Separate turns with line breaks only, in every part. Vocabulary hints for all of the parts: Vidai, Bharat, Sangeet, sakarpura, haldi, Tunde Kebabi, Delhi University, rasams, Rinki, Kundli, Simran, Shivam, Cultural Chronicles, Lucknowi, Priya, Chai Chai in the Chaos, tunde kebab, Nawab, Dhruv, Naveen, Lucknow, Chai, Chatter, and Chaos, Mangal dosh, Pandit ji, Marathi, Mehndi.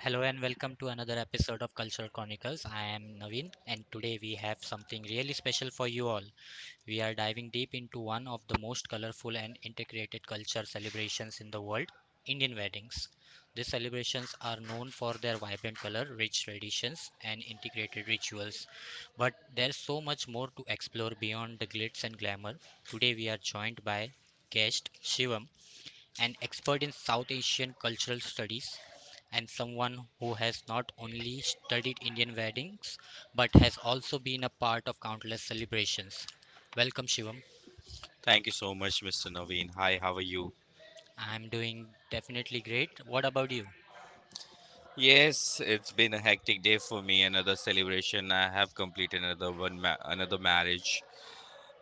Hello and welcome to another episode of Cultural Chronicles. I am Naveen and today we have something really special for you all. We are diving deep into one of the most colorful and integrated culture celebrations in the world, Indian weddings. These celebrations are known for their vibrant color, rich traditions and integrated rituals. But there's so much more to explore beyond the glitz and glamour. Today we are joined by guest Shivam, an expert in South Asian cultural studies, and someone who has not only studied Indian weddings but has also been a part of countless celebrations. Welcome, Shivam.
Thank you so much, Mr. Naveen. Hi, how are you?
I'm doing definitely great. What about you?
Yes, it's been a hectic day for me. Another celebration. I have completed another one, another marriage,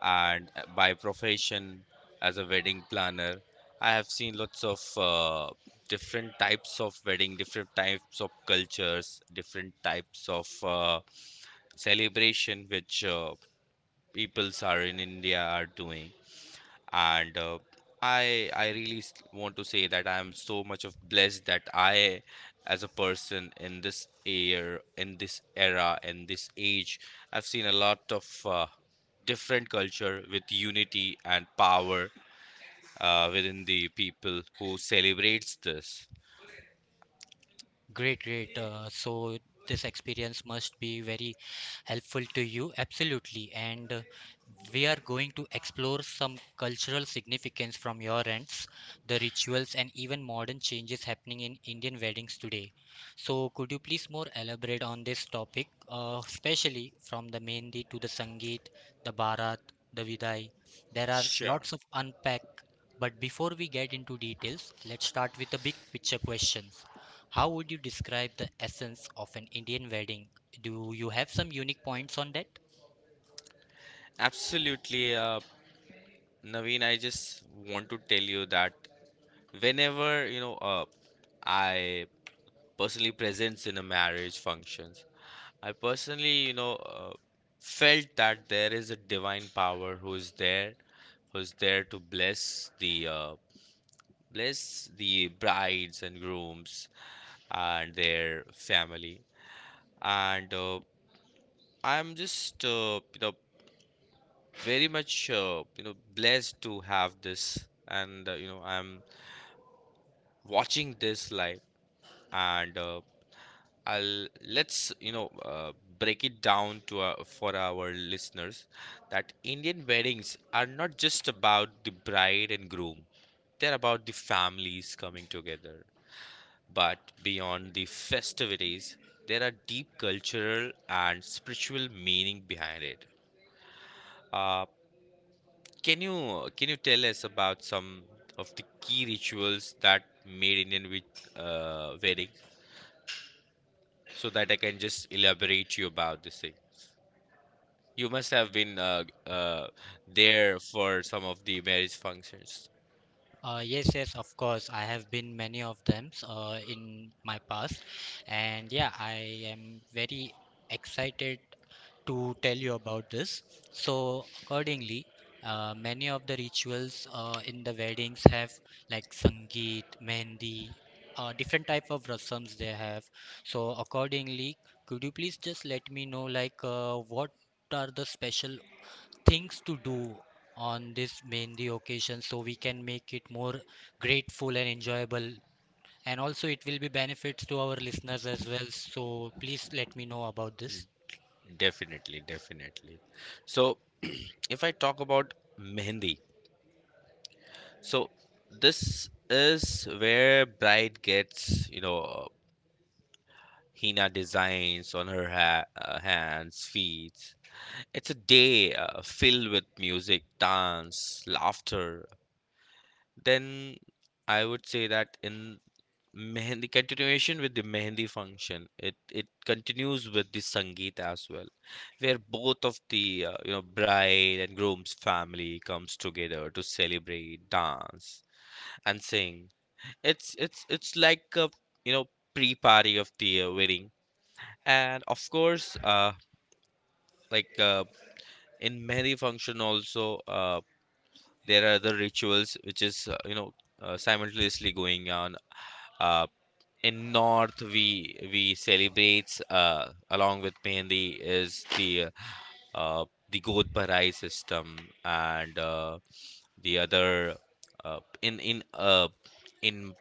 and by profession as a wedding planner, I have seen lots of different types of wedding, different types of cultures, different types of celebration which peoples are in India are doing. And I really want to say that I am so much of blessed that I as a person in this year, in this era, in this age, I've seen a lot of different culture with unity and power within the people who celebrates this.
Great, great. So this experience must be very helpful to you. Absolutely. And we are going to explore some cultural significance from your ends, the rituals, and even modern changes happening in Indian weddings today. So could you please more elaborate on this topic, especially from the Mehndi to the Sangeet, the Bharat, the Vidai? There are
Sure.
lots of unpack. But before we get into details, let's start with the big picture question. How would you describe the essence of an Indian wedding? Do you have some unique points on that?
Absolutely, Naveen. I just want to tell you that whenever, you know, I personally presents in a marriage function, I personally, you know, felt that there is a divine power who is there to bless the brides and grooms and their family. And I'm just, you know, very much, you know, blessed to have this. And you know, I'm watching this live, and I'll let's break it down to for our listeners that Indian weddings are not just about the bride and groom. They're about the families coming together. But beyond the festivities, there are deep cultural and spiritual meaning behind it. Uh, can you tell us about some of the key rituals that made Indian with wedding, so that I can just elaborate you about this thing? You must have been there for some of the marriage functions.
Yes, yes, of course. I have been many of them in my past, and yeah, I am very excited to tell you about this. So, accordingly, many of the rituals in the weddings have like sangeet, mehndi, different type of rasams they have. So, accordingly, could you please just let me know what are the special things to do on this mehndi occasion so we can make it more grateful and enjoyable, and also it will be benefits to our listeners as well, so please let me know about this.
Mm, definitely, definitely. So, if I talk about mehendi, so this is where bride gets, you know, henna designs on her ha hands, feet. It's a day filled with music, dance, laughter. Then I would say that in Mehendi continuation with the Mehendi function. It continues with the Sangeet as well, where both of the you know bride and groom's family comes together to celebrate, dance, and sing. It's like a you know pre-party of the wedding, and of course, like in Mehendi function also, there are other rituals which is you know simultaneously going on, uh, in north we celebrates along with Mehndi is the god Barai system, and the other uh, in in uh, in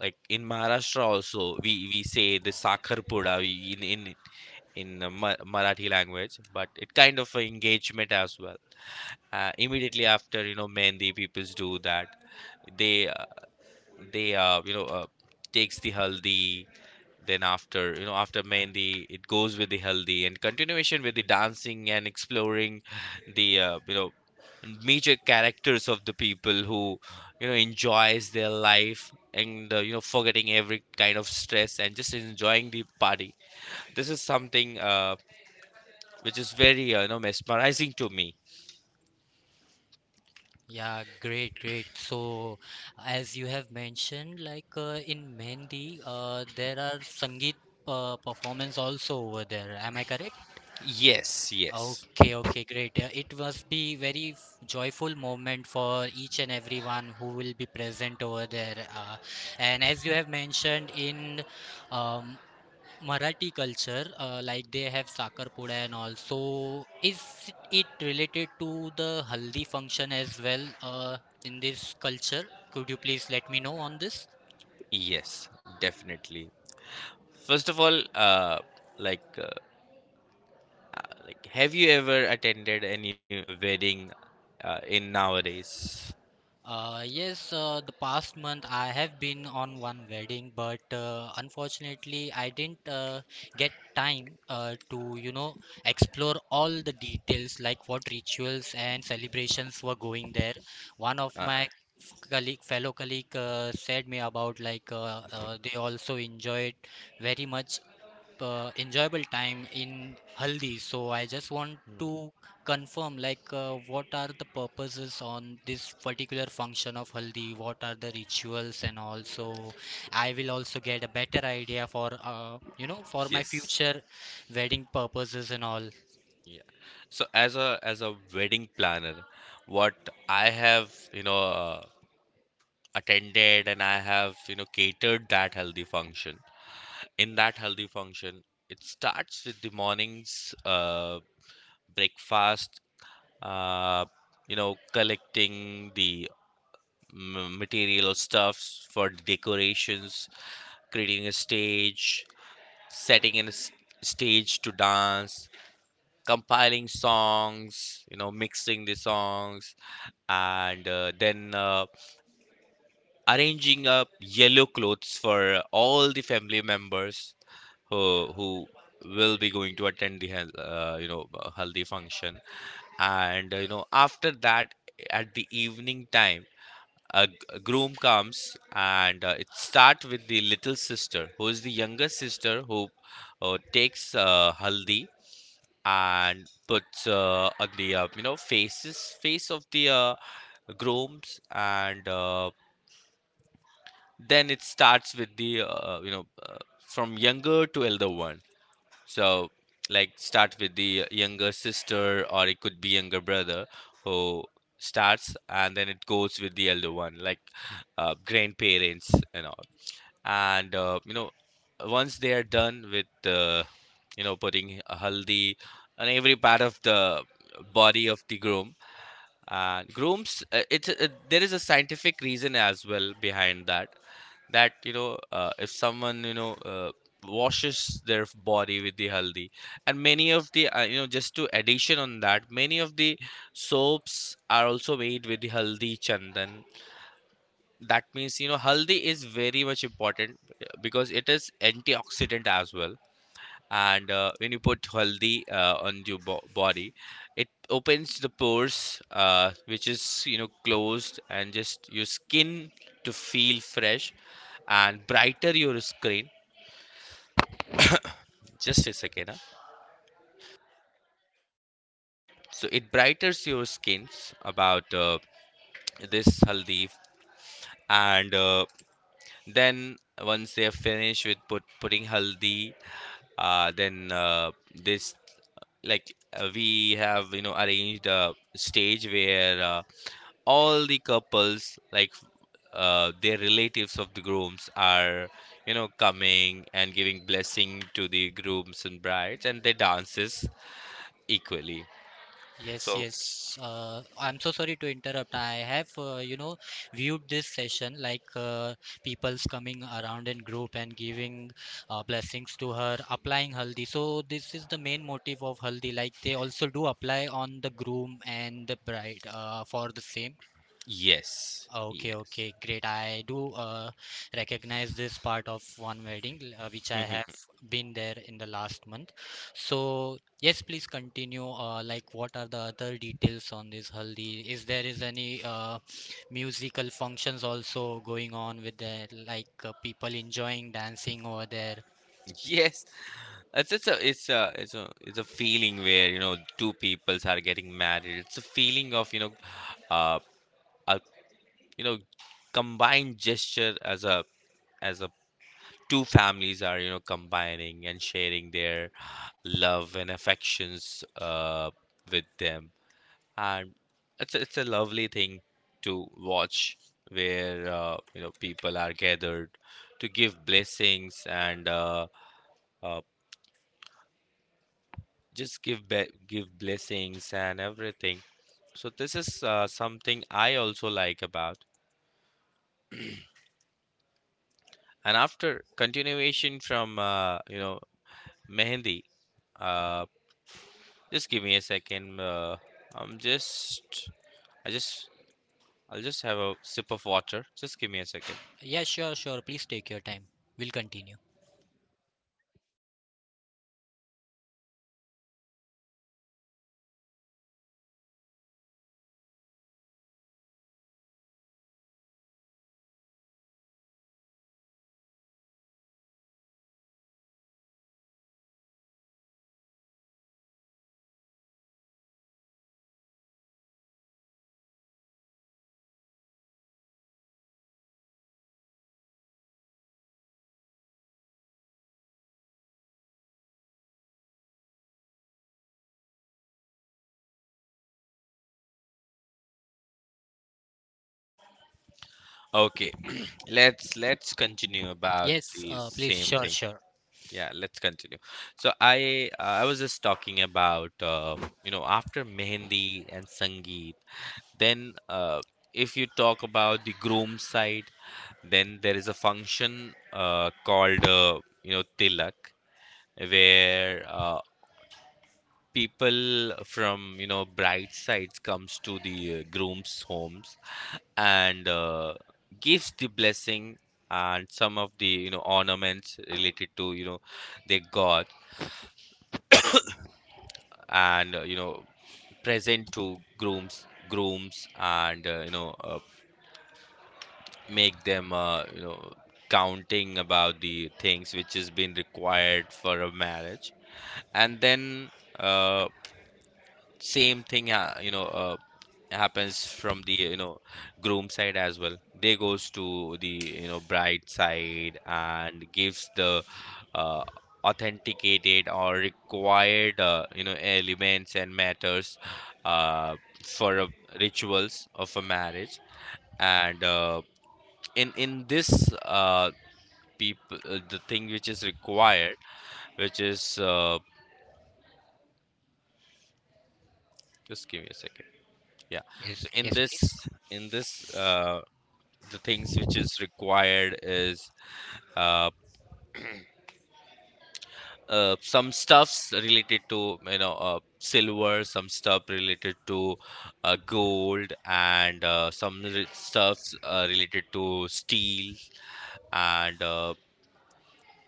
like in Maharashtra also we say the Sakhar Pura in Marathi language, but it kind of a engagement as well. Uh, immediately after you know Mehndi people do that, they uh, they you know takes the haldi. Then after you know after mehndi it goes with the haldi and continuation with the dancing and exploring the you know major characters of the people who you know enjoys their life, and you know forgetting every kind of stress and just enjoying the party. This is something which is very you know mesmerizing to me.
Yeah, great, great. So, as you have mentioned, in Mehndi, there are Sangeet performance also over there. Am I correct?
Yes, yes.
Okay, okay, great. It must be very joyful moment for each and everyone who will be present over there. And as you have mentioned in um, Marathi culture, like they have sakarpura and all. So, is it related to the haldi function as well in this culture? Could you please let me know on this?
Yes, definitely. First of all, like like, have you ever attended any wedding in nowadays?
Yes, the past month I have been on one wedding, but unfortunately I didn't get time to, you know, explore all the details like what rituals and celebrations were going there. One of
Uh,
my colleague, fellow colleague said me about like they also enjoyed very much enjoyable time in Haldi. So I just want to confirm like what are the purposes on this particular function of haldi, what are the rituals, and also I will also get a better idea for you know, for my
yes.
future wedding purposes and all.
Yeah. So as a wedding planner, what I have, you know, attended and I have, you know, catered that healthy function. In that healthy function, it starts with the morning's breakfast, uh, you know, collecting the material or stuffs for decorations, creating a stage, setting in a stage to dance, compiling songs, you know, mixing the songs, and then arranging up yellow clothes for all the family members who will be going to attend the you know haldi function. And you know after that, at the evening time, a groom comes, and it starts with the little sister who is the younger sister who takes haldi and puts on the you know face of the grooms, and then it starts with the you know from younger to elder one. So, like, start with the younger sister, or it could be younger brother who starts, and then it goes with the elder one, like grandparents and all. And you know, once they are done with the you know putting a haldi on every part of the body of the groom and grooms, it's there is a scientific reason as well behind that. That you know if someone you know washes their body with the haldi, and many of the you know just to addition on that, many of the soaps are also made with the haldi chandan. That means you know haldi is very much important, because it is antioxidant as well. And when you put haldi on your body, it opens the pores which is you know closed, and just your skin to feel fresh and brighter your skin. Just a second, huh? So it brightens your skins about this haldi. And then once they have finished with putting haldi, then this like we have you know arranged a stage where all the couples like their relatives of the grooms are you know coming and giving blessing to the grooms and brides, and they dances equally.
Yes,
So
yes. I'm so sorry to interrupt. I have, you know, viewed this session like people's coming around in group and giving blessings to her, applying haldi. So this is the main motive of haldi. Like they also do apply on the groom and the bride for the same.
yes,
Oh, okay,
yes.
okay, great. I do recognize this part of one wedding, which I have been there in the last month. So, yes, please continue. Like, what are the other details on this haldi? Is there is any musical functions also going on with the like people enjoying dancing over there?
Yes, it's a it's a it's a it's a feeling where you know two peoples are getting married. It's a feeling of you know, uh, a, you know, combined gesture as a two families are you know combining and sharing their love and affections with them, and it's a lovely thing to watch, where you know people are gathered to give blessings and uh just give blessings and everything. So this is something I also like about. And after continuation from you know mehendi, uh, just give me a second, i'm just i just, I'll just have a sip of water, just give me a second.
Yeah, sure, sure. Please take your time. We'll continue.
Okay. Let's continue about
Yes,
the
please,
same
sure,
thing.
sure.
Yeah, let's continue. So I was just talking about you know after mehendi and sangeet. Then, if you talk about the groom side, then there is a function called you know tilak, where people from you know bride sides comes to the groom's homes and gives the blessing and some of the you know ornaments related to you know their god, and you know present to grooms and you know make them you know counting about the things which has been required for a marriage. And then, uh, same thing you know happens from the you know groom side as well. They goes to the you know bride side and gives the uh, authenticated or required you know elements and matters, uh, for rituals of a marriage. And in this people the thing which is required, which is just give me a second. Yeah.
Yes,
So in
yes,
this,
please.
in this uh, the things which is required is uh, some stuffs related to you know silver, some stuff related to gold, and some stuffs related to steel. And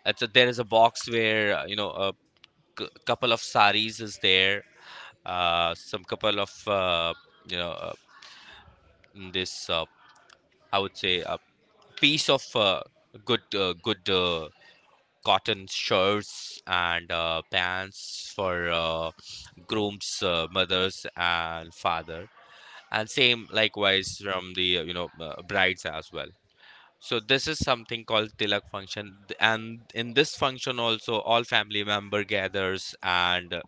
there is a box where you know a couple of saris is there, some couple of you know this I would say a piece of good cotton shirts and pants for grooms mothers and father, and same likewise from the you know brides as well. So this is something called tilak function, and in this function also all family member gathers, and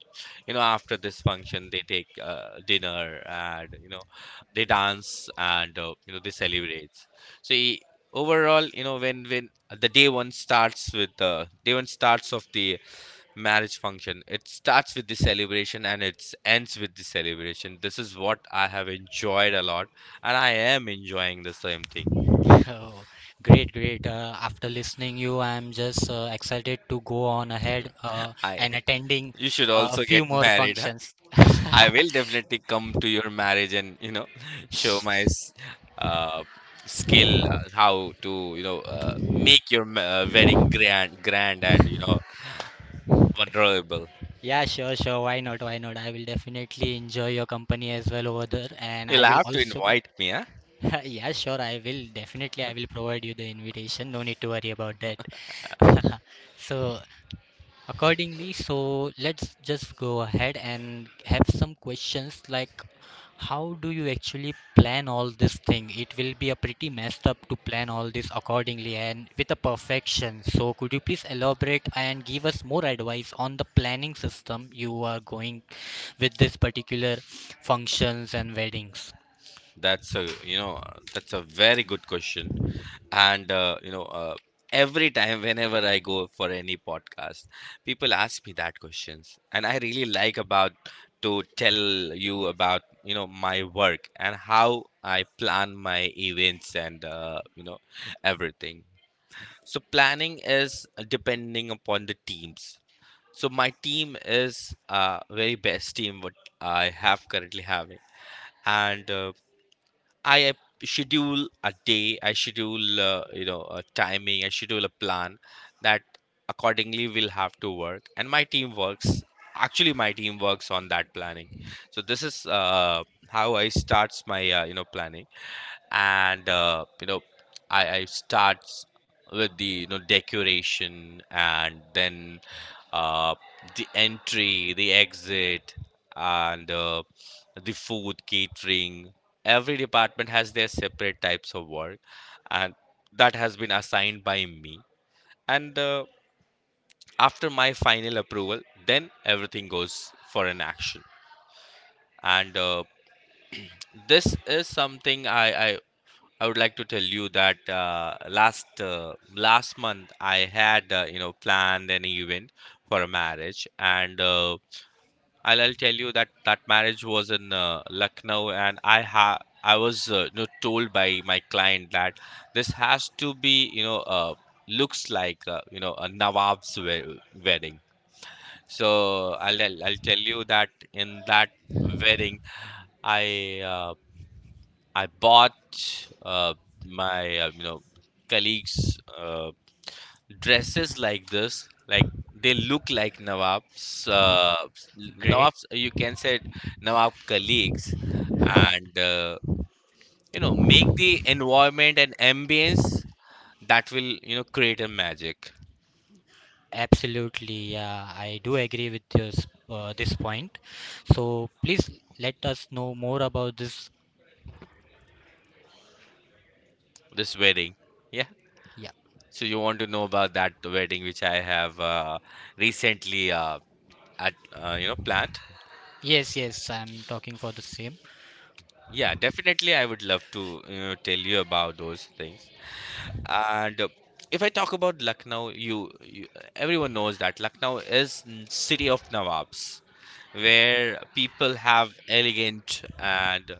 you know after this function they take dinner, and you know they dance and you know they celebrate. So overall, you know when the day one starts with the day one starts of the marriage function, it starts with the celebration and it ends with the celebration. This is what I have enjoyed a lot, and I am enjoying the same thing.
Oh, great, great. After listening you, I'm just excited to go on ahead
I
and attending
you should
a
also
few
get
more
married, huh?
functions.
I will definitely come to your marriage and, you know, show my uh, skill, how to, you know, make your wedding grand, grand and, you know, vulnerable.
Yeah, sure, sure. Why not? Why not? I will definitely enjoy your company as well over there, and
You'll
I will
have to
also get.
invite me, huh?
Yeah, sure. I will definitely. I will provide you the invitation. No need to worry about that. So, accordingly, so let's just go ahead and have some questions like how do you actually plan all this thing? It will be a pretty messed up to plan all this accordingly and with a perfection. So could you please elaborate and give us more advice on the planning system you are going with this particular functions and weddings?
That's a you know that's a very good question, and you know every time whenever I go for any podcast, people ask me that questions, and I really like about to tell you about you know my work and how I plan my events, and you know everything. So planning is depending upon the teams. So my team is very best team what I have currently having, and I schedule a day, I schedule a timing, I schedule a plan that accordingly will have to work, and my team works. Actually, my team works on that planning. So this is how I starts my planning, and I starts with the decoration, and then uh, the entry, the exit, and the food catering. Every department has their separate types of work, and that has been assigned by me, and after my final approval, then everything goes for an action. And this is something I would like to tell you that last month I had planned an event for a marriage. And I'll tell you that that marriage was in Lucknow, and I was told by my client that this has to be looks like a Nawab's wedding. So I'll tell you that in that wedding, I uh, I bought uh, my colleagues dresses like this, like they look like Nawab's uh,
Great.
Nawab's you can say it, Nawab colleagues, and make the environment and ambience that will create a magic.
Absolutely. Yeah, I do agree with this point. So please let us know more about this.
This wedding, yeah.
Yeah.
So you want to know about that wedding which I have recently at you know planned.
Yes, yes, I'm talking for the same.
Yeah, definitely. I would love to tell you about those things. And if I talk about Lucknow, you everyone knows that Lucknow is city of Nawabs, where people have elegant and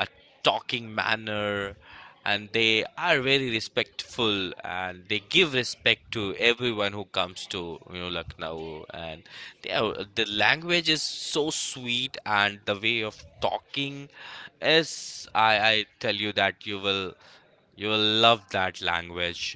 a talking manner, and they are very respectful, and they give respect to everyone who comes to Lucknow. And the language is so sweet, and the way of talking is, I tell you that you will love that language.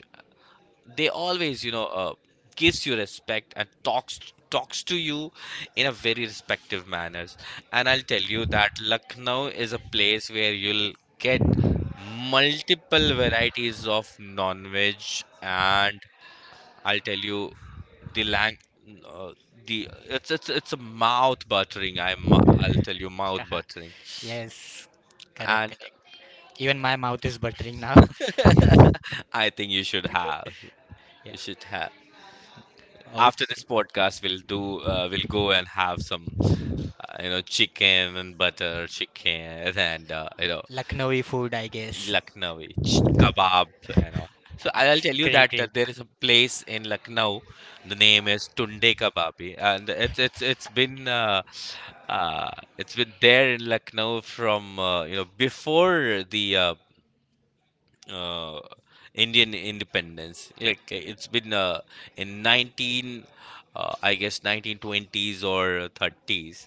They always gives you respect and talks to you in a very respective manners. And I'll tell you that Lucknow is a place where you'll get multiple varieties of non-veg. And I'll tell you the lang uh, the it's a mouth buttering. I'll tell you, mouth
Haha.
buttering.
Yes, correct,
And
correct. Even my mouth is buttering now.
I think you should have,
Yeah.
you should have after this
Okay.
podcast we'll do we'll go and have some chicken and butter chicken and
Lucknowi food, I guess.
Lucknowi kebab and all. So I'll tell you
Great,
that
great.
there is a place in Lucknow. The name is Tunde Kebabi, and uh, it's been there in Lucknow from before the uh, Indian independence. Like it's been in I guess 1920s or 30s,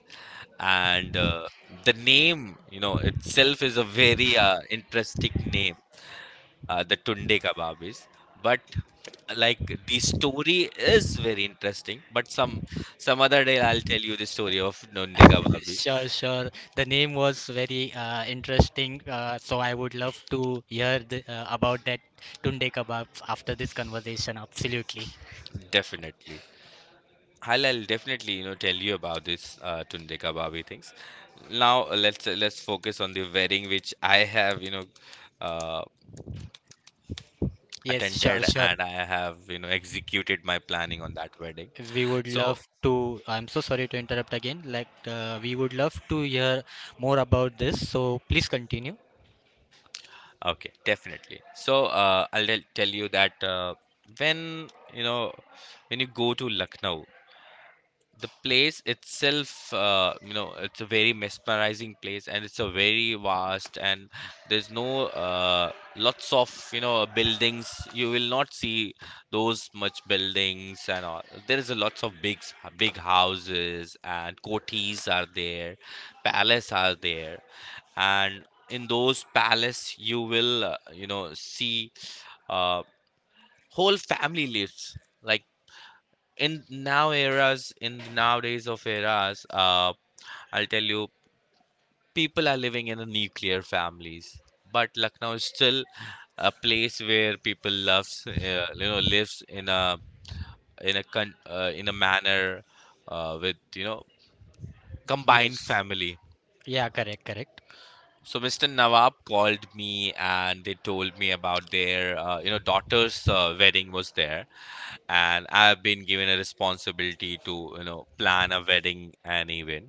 and the name, you know, itself is a very interesting name. The Tunde Kebab is, but like the story is very interesting. But some other day I'll tell you the story of Tunde Kebab is,
Sure, sure. The name was very interesting. So I would love to hear about that tunde kebab after this conversation. Absolutely.
definitely. I'll definitely tell you about this tunde kababi things. Now let's focus on the wedding which I have uh,
Yes, sure,
attended,
sure.
and I have executed my planning on that wedding.
We would
So
love to. I'm so sorry to interrupt again. Like, we would love to hear more about this. So please continue.
okay, definitely. So I'll tell you that when you know when you go to Lucknow, the place itself, it's a very mesmerizing place, and it's a very vast. And there's no lots of buildings you will not see, those much buildings and all. There is a lots of big big houses, and coteries are there, palace are there, and in those palace you will see uh, whole family lives, like in now eras, in nowadays of eras. I'll tell you, people are living in a nuclear families, but Lucknow is still a place where people loves, lives in a in a manner, with
Yes.
combined family.
Yeah, correct, correct.
So Mr. Nawab called me, and they told me about their daughter's wedding was there. And I've been given a responsibility to plan a wedding and anyway.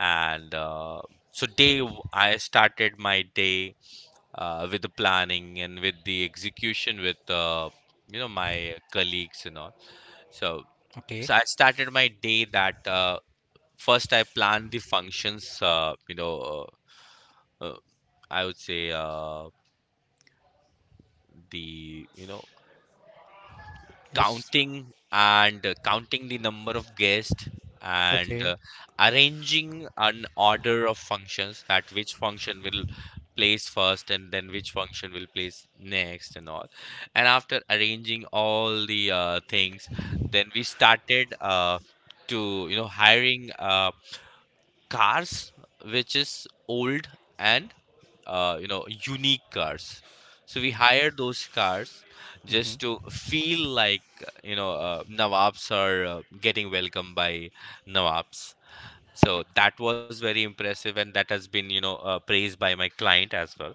And so I started my day with the planning and with the execution with my colleagues and all. so
Okay.
so I started my day that first I planned the functions, uh, uh, I would say the
Yes.
counting, and counting the number of guests, and
Okay.
arranging an order of functions, that which function will place first, and then which function will place next and all. And after arranging all the things, then we started to hiring cars which is old, and unique cars. So we hired those cars just
Mm-hmm.
to feel like Nawabs are getting welcomed by Nawabs. So that was very impressive, and that has been praised by my client as well.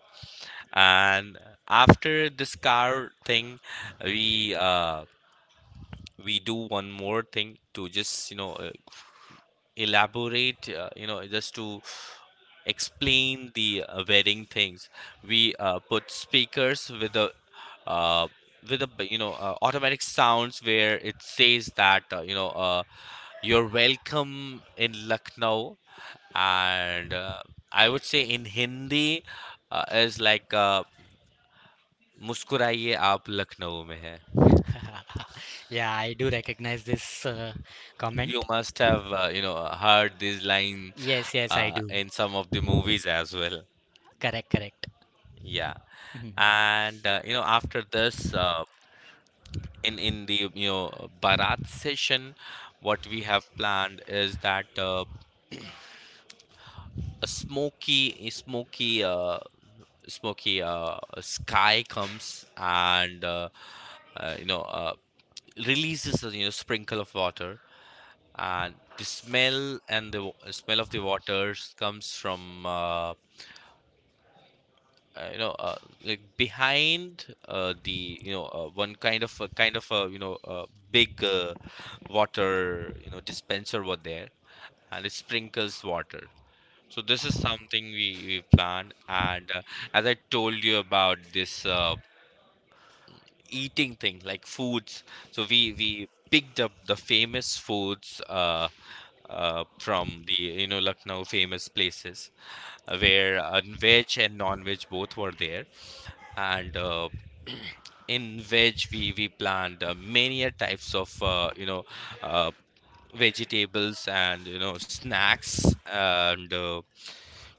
And after this car thing, we do one more thing to just elaborate, just to explain the wedding things. We put speakers with a, uh, with a automatic sounds where it says that, you're welcome in Lucknow. And I would say in Hindi, is like, मुस्कुराइए आप लखनऊ में है.
Yeah, I do recognize this
You
comment.
must have heard this line
Yes, yes, I do.
in some of the movies as well,
Correct, correct.
yeah.
Mhm.
And after this, in the barat session, what we have planned is that, a smoky sky comes and uh, you know uh, releases a sprinkle of water, and the smell, and the smell of the waters comes from uh, you know uh, like behind, the one kind of a big water dispenser were there, and it sprinkles water. So this is something we planned. And as I told you about this eating thing like foods, so we picked up the famous foods from the Lucknow famous places, where veg and non-veg both were there. And in veg we plant many a types of uh, vegetables and snacks, and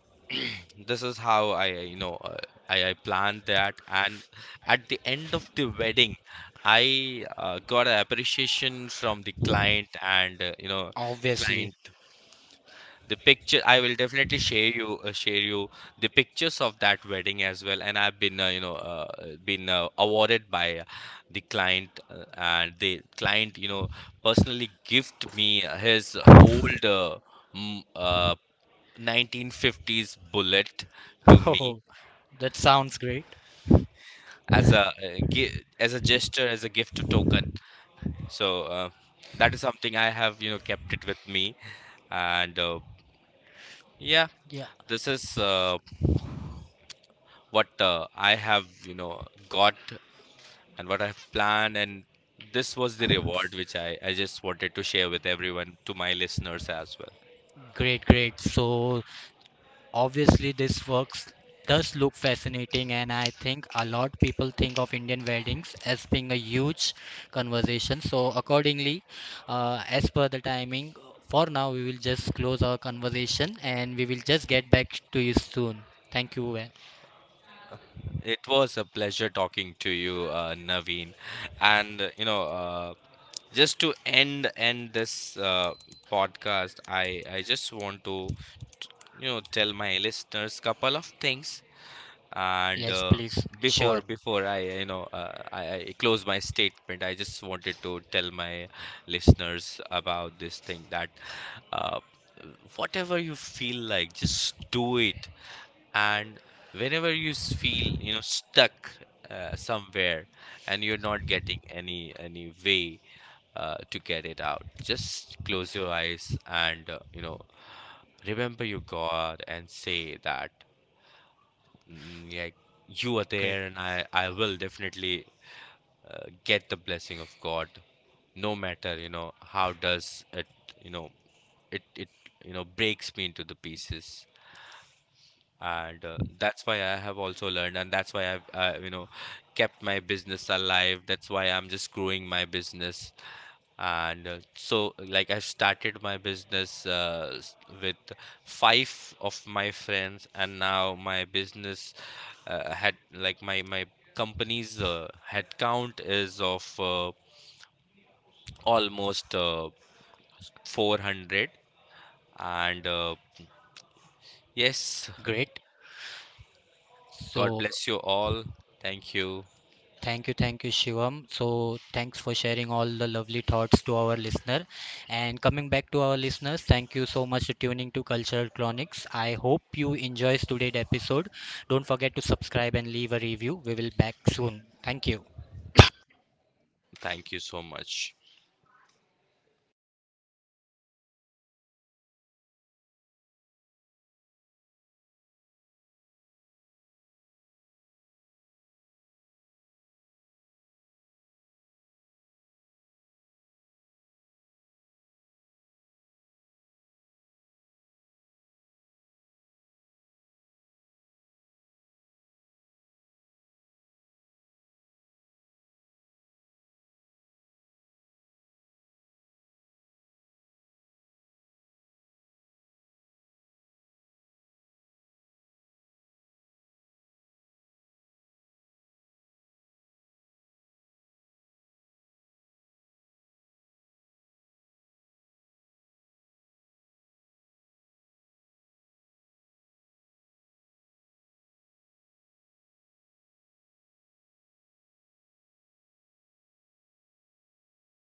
this is how I you know I planned that. And at the end of the wedding, I got an appreciation from the client, and
Obviously.
client, the picture I will definitely share you the pictures of that wedding as well. And I've been been awarded by the client, and the client personally gift me his old m- uh, 1950s bullet to me,
Oh, that sounds great.
as a as a gesture, as a gift token. So uh, that is something I have kept it with me. And yeah,
Yeah,
this is what I have, got, and what I've planned. And this was the reward which I just wanted to share with everyone, to my listeners as well.
great, great. So obviously, this works does look fascinating, and I think a lot people think of Indian weddings as being a huge conversation. So, accordingly, as per the timing, for now we will just close our conversation, and we will just get back to you soon. Thank you.
It was a pleasure talking to you, Naveen. And, just to end this podcast, I just want to tell my listeners couple of things. And
Yes,
uh,
please.
before
Sure.
I close my statement, I just wanted to tell my listeners about this thing, that uh, whatever you feel like, just do it. And whenever you feel stuck somewhere, and you're not getting any way to get it out, just close your eyes and remember your God and say that, like, you are
Great.
there, and I will definitely get the blessing of God, no matter how does it, you know it breaks me into the pieces. And that's why I have also learned, and that's why I've kept my business alive, that's why I'm just growing my business. And so like I started my business with five of my friends, and now my business had, like, my company's headcount is of almost 400, and yes,
Great.
God
So.
bless you all, thank you.
Thank you, Shivam. So, thanks for sharing all the lovely thoughts to our listener. And coming back to our listeners, thank you so much for tuning to Cultural Chronics. I hope you enjoys today's episode. Don't forget to subscribe and leave a review. We will back soon. Thank you.
Thank you so much.